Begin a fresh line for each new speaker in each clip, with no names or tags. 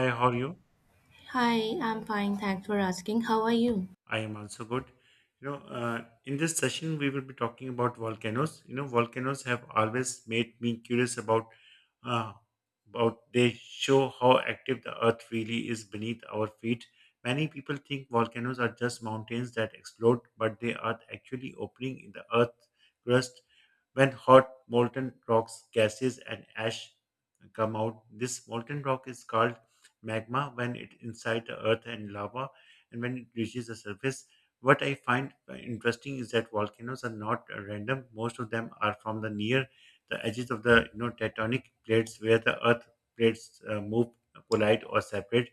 Hi, how are you?
Hi, I'm fine. Thanks for asking. How are you?
I am also good. In this session, we will be talking about volcanoes. Volcanoes have always made me curious about uh, they show how active the earth really is beneath our feet. Many people think volcanoes are just mountains that explode, but they are actually opening in the earth crust when hot molten rocks, gases, and ash come out. This molten rock is called magma when it inside the earth and lava and when it reaches the surface. What I find interesting is that volcanoes are not random. Most of them are from the near the edges of the tectonic plates where the earth plates move, collide or separate.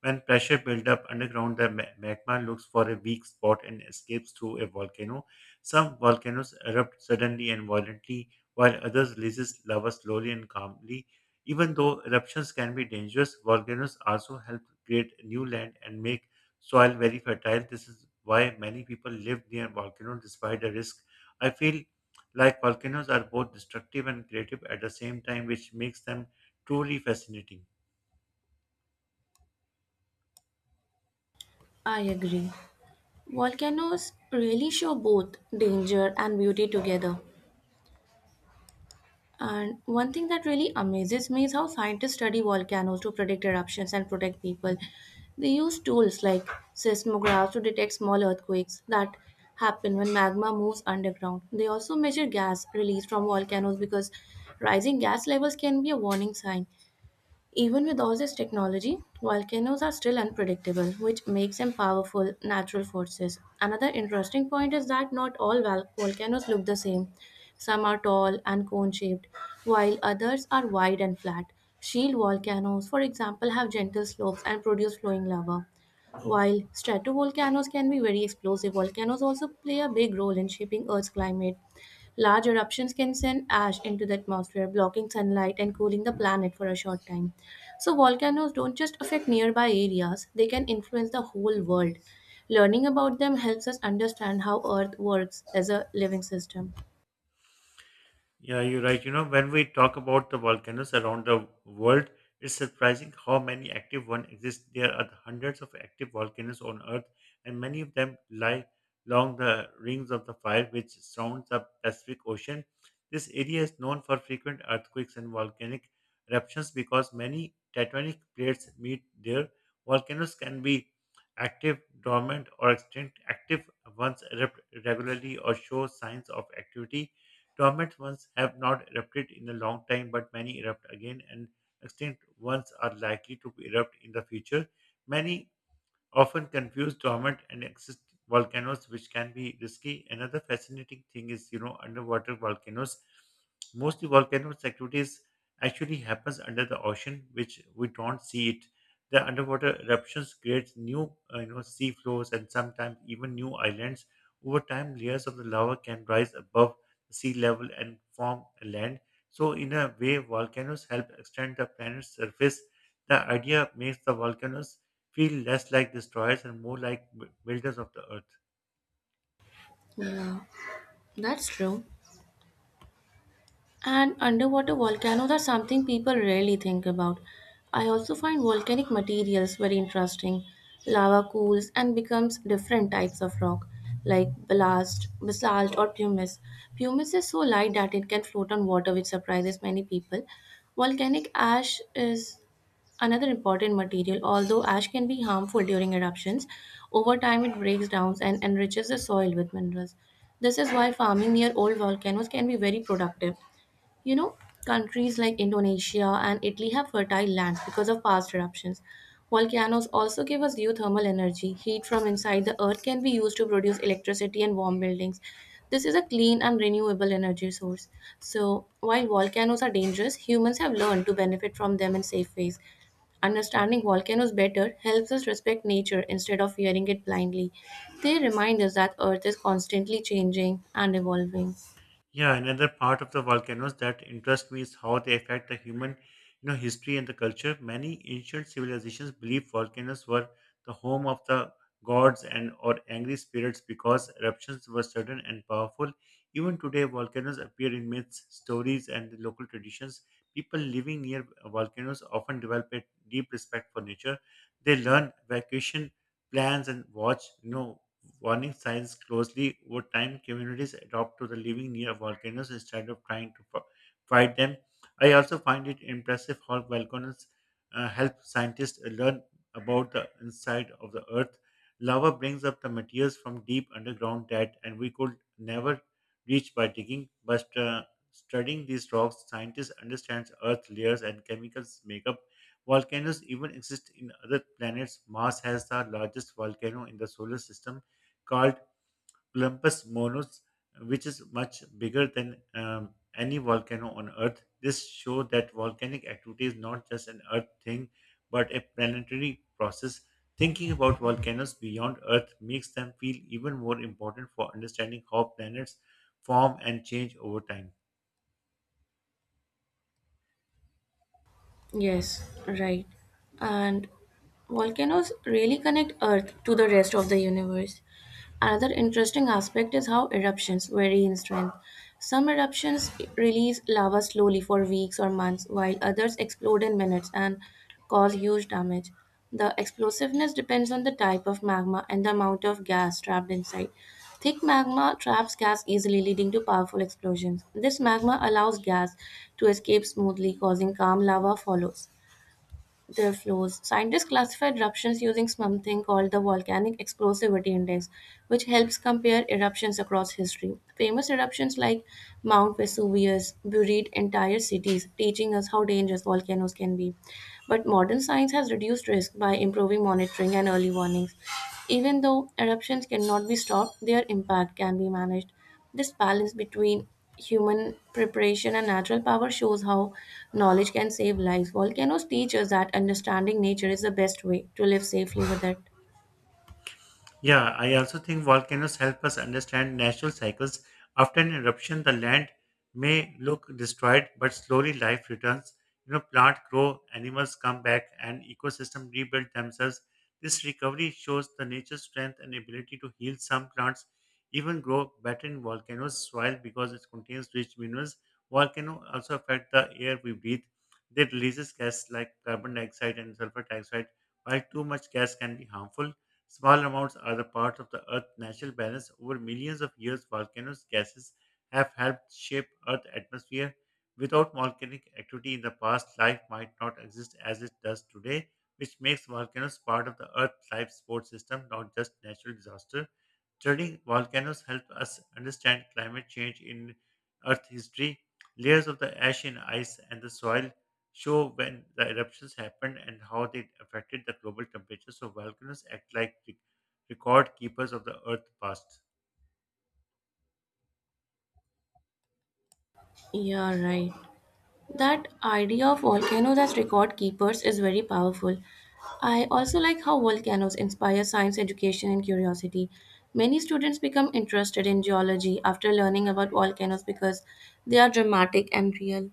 When pressure builds up underground the magma looks for a weak spot and escapes through a volcano. Some volcanoes erupt suddenly and violently, while others releases lava slowly and calmly. Even though eruptions can be dangerous, volcanoes also help create new land and make soil very fertile. This is why many people live near volcanoes despite the risk. I feel like volcanoes are both destructive and creative at the same time, which makes them truly fascinating.
I agree. Volcanoes really show both danger and beauty together. And one thing that really amazes me is how scientists study volcanoes to predict eruptions and protect people. They use tools like seismographs to detect small earthquakes that happen when magma moves underground. They also measure gas released from volcanoes because rising gas levels can be a warning sign. Even with all this technology, volcanoes are still unpredictable, which makes them powerful natural forces. Another interesting point is that not all volcanoes look the same. Some are tall and cone shaped, while others are wide and flat. Shield volcanoes, for example, have gentle slopes and produce flowing lava. While stratovolcanoes can be very explosive, volcanoes also play a big role in shaping Earth's climate. Large eruptions can send ash into the atmosphere, blocking sunlight and cooling the planet for a short time. So, volcanoes don't just affect nearby areas, they can influence the whole world. Learning about them helps us understand how Earth works as a living system.
Yeah, you're right. When we talk about the volcanoes around the world, it's surprising how many active ones exist. There are hundreds of active volcanoes on Earth, and many of them lie along the rings of the fire which surrounds the Pacific Ocean. This area is known for frequent earthquakes and volcanic eruptions because many tectonic plates meet there. Volcanoes can be active, dormant, or extinct. Active ones erupt regularly or show signs of activity. Dormant ones have not erupted in a long time, but many erupt again, and extinct ones are likely to erupt in the future. Many often confuse dormant and existing volcanoes, which can be risky. Another fascinating thing is, underwater volcanoes. Mostly volcanoes activities actually happens under the ocean, which we don't see it. The underwater eruptions create new, sea floors and sometimes even new islands. Over time, layers of the lava can rise above the sea level and form a land. So, in a way, volcanoes help extend the planet's surface. The idea makes the volcanoes feel less like destroyers and more like builders of the earth.
Yeah, that's true. An underwater volcano, that's something people rarely think about. I also find volcanic materials very interesting. Lava cools and becomes different types of rock, like blast, basalt, or pumice. Pumice is so light that it can float on water, which surprises many people. Volcanic ash is another important material, although ash can be harmful during eruptions. Over time, it breaks down and enriches the soil with minerals. This is why farming near old volcanoes can be very productive. You know countries like Indonesia and Italy have fertile lands because of past eruptions. Volcanoes also give us geothermal energy. Heat from inside the earth can be used to produce electricity and warm buildings. This is a clean and renewable energy source. So, while volcanoes are dangerous, humans have learned to benefit from them in safe ways. Understanding volcanoes better helps us respect nature instead of fearing it blindly. They remind us that Earth is constantly changing and evolving.
Yeah, another part of the volcanoes that interests me is how they affect the human, history and the culture. Many ancient civilizations believed volcanoes were the home of the gods and or angry spirits because eruptions were sudden and powerful. Even today, volcanoes appear in myths, stories, and local traditions. People living near volcanoes often develop a deep respect for nature. They learn evacuation plans and watch, warning signs closely. Over time, communities adopt to the living near volcanoes instead of trying to fight them. I also find it impressive how volcanoes help scientists learn about the inside of the Earth. Lava brings up the materials from deep underground that, and we could never reach by digging. But Studying these rocks, scientists understand Earth layers and chemicals makeup. Volcanoes even exist in other planets. Mars has the largest volcano in the solar system called Olympus Mons, which is much bigger than any volcano on Earth. This show that volcanic activity is not just an Earth thing, but a planetary process. Thinking about volcanoes beyond Earth makes them feel even more important for understanding how planets form and change over time.
Yes, right. And volcanoes really connect Earth to the rest of the universe. Another interesting aspect is how eruptions vary in strength. Some eruptions release lava slowly for weeks or months, while others explode in minutes and cause huge damage. The explosiveness depends on the type of magma and the amount of gas trapped inside. Thick magma traps gas easily, leading to powerful explosions. This magma allows gas to escape smoothly, causing calm lava follows their flows. Scientists classify eruptions using something called the Volcanic Explosivity Index, which helps compare eruptions across history. Famous eruptions like Mount Vesuvius buried entire cities, teaching us how dangerous volcanoes can be. But modern science has reduced risk by improving monitoring and early warnings. Even though eruptions cannot be stopped, their impact can be managed. This balance between human preparation and natural power shows how knowledge can save lives. Volcanoes teach us that understanding nature is the best way to live safely with it.
Yeah, I also think volcanoes help us understand natural cycles. After an eruption, the land may look destroyed, but slowly life returns. You know, plants grow, animals come back, and ecosystems rebuild themselves. This recovery shows the nature's strength and ability to heal. Some plants even grow better in volcanoes' soil because it contains rich minerals. Volcanoes also affect the air we breathe. They releases gas like carbon dioxide and sulfur dioxide, while too much gas can be harmful. Small amounts are the part of the Earth's natural balance. Over millions of years, volcanoes' gases have helped shape Earth's atmosphere. Without volcanic activity in the past, life might not exist as it does today, which makes volcanoes part of the Earth's life support system, not just natural disaster. Studying volcanoes help us understand climate change in Earth history. Layers of the ash and ice and the soil show when the eruptions happened and how they affected the global temperature. So volcanoes act like record keepers of the Earth's past.
Yeah, right. That idea of volcanoes as record keepers is very powerful. I also like how volcanoes inspire science education and curiosity. Many students become interested in geology after learning about volcanoes because they are dramatic and real.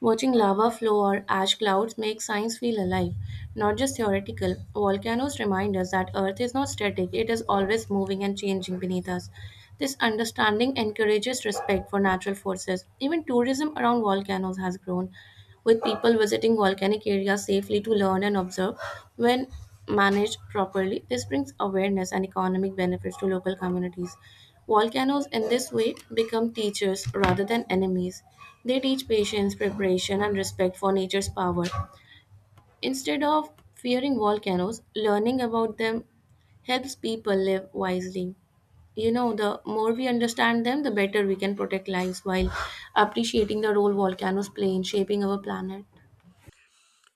Watching lava flow or ash clouds makes science feel alive, not just theoretical. Volcanoes remind us that Earth is not static, it is always moving and changing beneath us. This understanding encourages respect for natural forces. Even tourism around volcanoes has grown, with people visiting volcanic areas safely to learn and observe. When managed properly, this brings awareness and economic benefits to local communities. Volcanoes, in this way, become teachers rather than enemies. They teach patience, preparation, and respect for nature's power. Instead of fearing volcanoes, learning about them helps people live wisely. You know, the more we understand them, the better we can protect lives while appreciating the role volcanoes play in shaping our planet.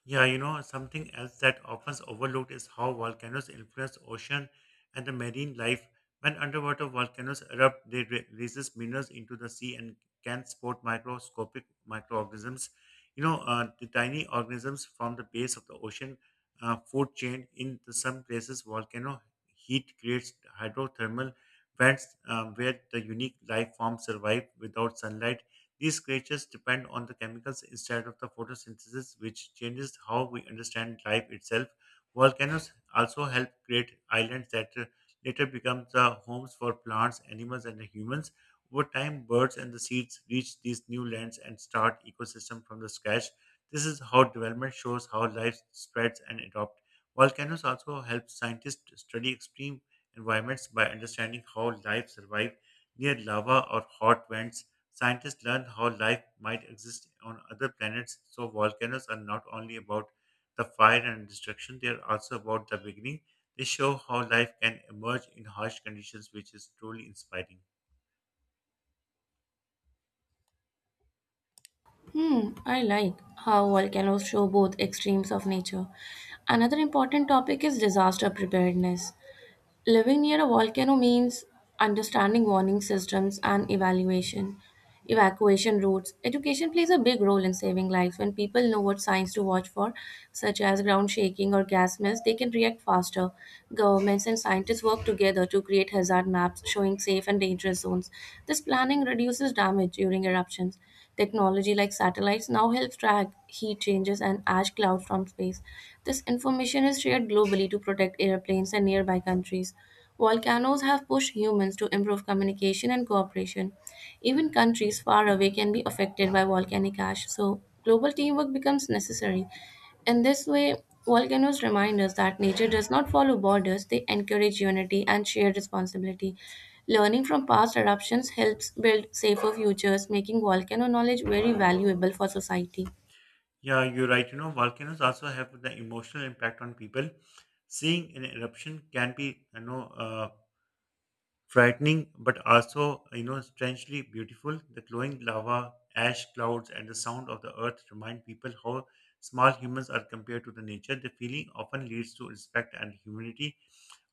Yeah, you know, something else that often overlooked is how volcanoes influence ocean and the marine life. When underwater volcanoes erupt, they releases minerals into the sea and can support microscopic microorganisms. The tiny organisms from the base of the ocean food chain. In the, some places, volcano heat creates hydrothermal vents where the unique life forms survive without sunlight. These creatures depend on the chemicals instead of the photosynthesis, which changes how we understand life itself. Volcanoes also help create islands that later become the homes for plants, animals, and humans. Over time, birds and the seeds reach these new lands and start ecosystem from the scratch. This is how development shows how life spreads and adopts. Volcanoes also help scientists study extreme environments by understanding how life survives near lava or hot vents. Scientists learned how life might exist on other planets, so volcanoes are not only about the fire and destruction, they are also about the beginning. They show how life can emerge in harsh conditions, which is truly inspiring.
Hmm, I like how volcanoes show both extremes of nature. Another important topic is disaster preparedness. Living near a volcano means understanding warning systems and evacuation routes. Education plays a big role in saving lives. When people know what signs to watch for, such as ground shaking or gas mist, they can react faster. Governments and scientists work together to create hazard maps showing safe and dangerous zones. This planning reduces damage during eruptions. Technology like satellites now helps track heat changes and ash clouds from space. This information is shared globally to protect airplanes and nearby countries. Volcanoes have pushed humans to improve communication and cooperation. Even countries far away can be affected by volcanic ash, so global teamwork becomes necessary. In this way, volcanoes remind us that nature does not follow borders, they encourage unity and shared responsibility. Learning from past eruptions helps build safer futures, making volcano knowledge very valuable for society.
Yeah, you're right. You know, volcanoes also have the emotional impact on people. Seeing an eruption can be, frightening but also strangely beautiful. The glowing lava, ash clouds and the sound of the earth remind people how small humans are compared to the nature. The feeling often leads to respect and humility.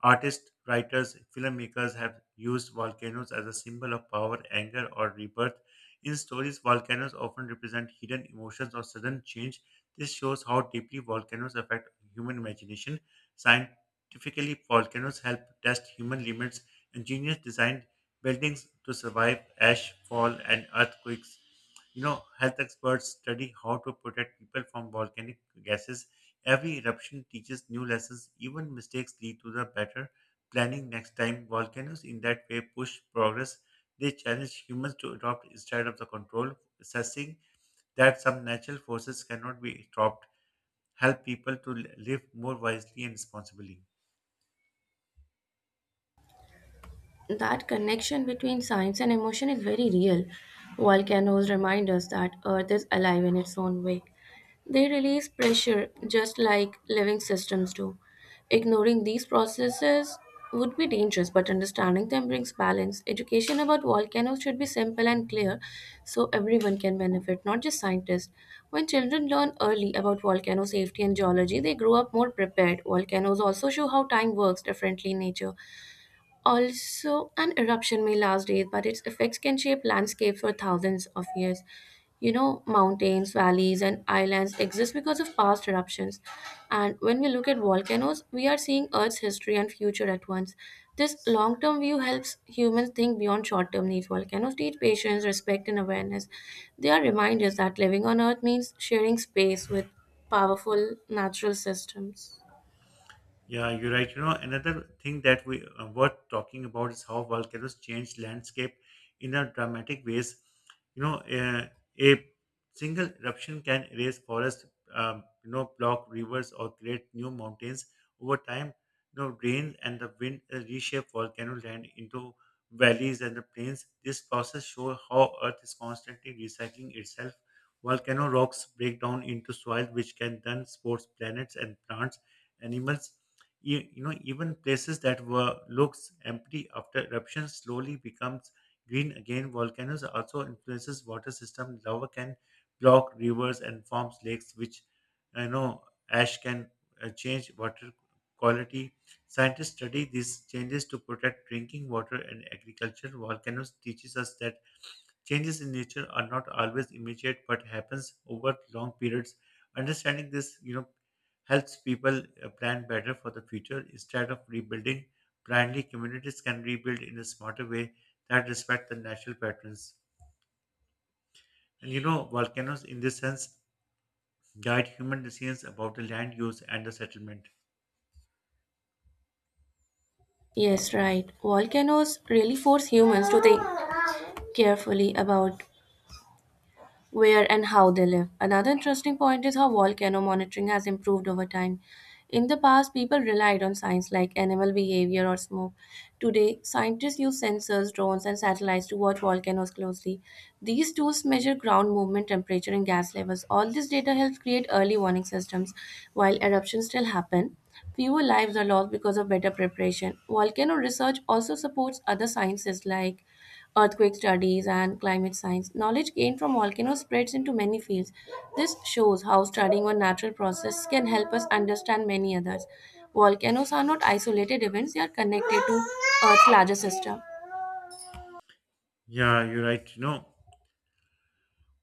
Artists, writers, filmmakers have used volcanoes as a symbol of power, anger, or rebirth. In stories, volcanoes often represent hidden emotions or sudden change. This shows how deeply volcanoes affect human imagination. Scientifically, volcanoes help test human limits. Engineers designed buildings to survive ash, fall, and earthquakes. You know, health experts study how to protect people from volcanic gases. Every eruption teaches new lessons. Even mistakes lead to the better planning next time. Volcanoes, in that way, push progress. They challenge humans to adopt instead of the control, assessing that some natural forces cannot be stopped, help people to live more wisely and responsibly.
That connection between science and emotion is very real. Volcanoes remind us that Earth is alive in its own way. They release pressure just like living systems do. Ignoring these processes would be dangerous, but understanding them brings balance. Education about volcanoes should be simple and clear so everyone can benefit, not just scientists. When children learn early about volcano safety and geology, they grow up more prepared. Volcanoes also show how time works differently in nature. Also, an eruption may last days, but its effects can shape landscapes for thousands of years. You know, mountains, valleys, and islands exist because of past eruptions. And when we look at volcanoes, we are seeing Earth's history and future at once. This long term view helps humans think beyond short term needs. Volcanoes teach patience, respect, and awareness. They are reminders that living on Earth means sharing space with powerful natural systems.
Yeah, you're right. Another thing that we worth talking about is how volcanoes change landscape in a dramatic ways. You know, uh, a single eruption can erase forests, block rivers or create new mountains. Over time, rain and the wind reshape volcano land into valleys and the plains. This process shows how Earth is constantly recycling itself. Volcano rocks break down into soil, which can then support planets and plants, animals. Even places that were looks empty after eruption slowly becomes green again. Volcanoes also influences water system. Lava can block rivers and forms lakes, which you know ash can change water quality. Scientists study these changes to protect drinking water and agriculture. Volcanoes teaches us that changes in nature are not always immediate but happens over long periods. Understanding this, helps people plan better for the future instead of rebuilding blindly. Communities can rebuild in a smarter way that respect the natural patterns. And you know, volcanoes in this sense guide human decisions about the land use and the settlement.
Yes, right. Volcanoes really force humans to think carefully about where and how they live. Another interesting point is how volcano monitoring has improved over time. In the past, people relied on signs like animal behavior or smoke. Today, scientists use sensors, drones, and satellites to watch volcanoes closely. These tools measure ground movement, temperature, and gas levels. All this data helps create early warning systems. While eruptions still happen, fewer lives are lost because of better preparation. Volcano research also supports other sciences like earthquake studies, and climate science. Knowledge gained from volcanoes spreads into many fields. This shows how studying one natural process can help us understand many others. Volcanoes are not isolated events, they are connected to Earth's larger system.
Yeah, you're right.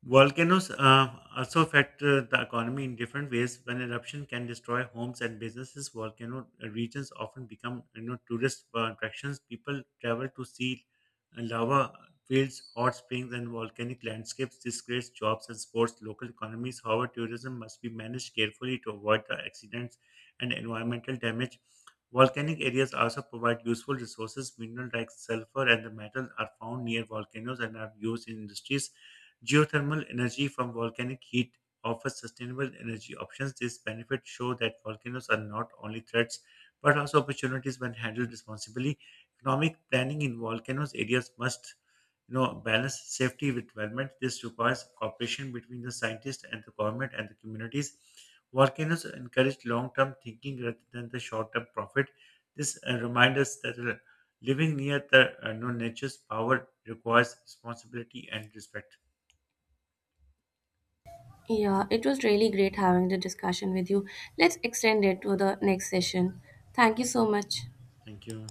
Volcanoes also affect the economy in different ways. When eruption can destroy homes and businesses, volcano regions often become tourist attractions. People travel to see lava fields, hot springs, and volcanic landscapes. This creates jobs and supports local economies. However, tourism must be managed carefully to avoid the accidents and environmental damage. Volcanic areas also provide useful resources. Minerals like sulfur and the metal are found near volcanoes and are used in industries. Geothermal energy from volcanic heat offers sustainable energy options. These benefits show that volcanoes are not only threats but also opportunities when handled responsibly. Economic planning in volcanoes areas must balance safety with development. This requires cooperation between the scientists and the government and the communities. Volcanoes encourage long-term thinking rather than the short-term profit. This reminds us that living near the nature's power requires responsibility and respect.
Yeah, it was really great having the discussion with you. Let's extend it to the next session. Thank you so much.
Thank you.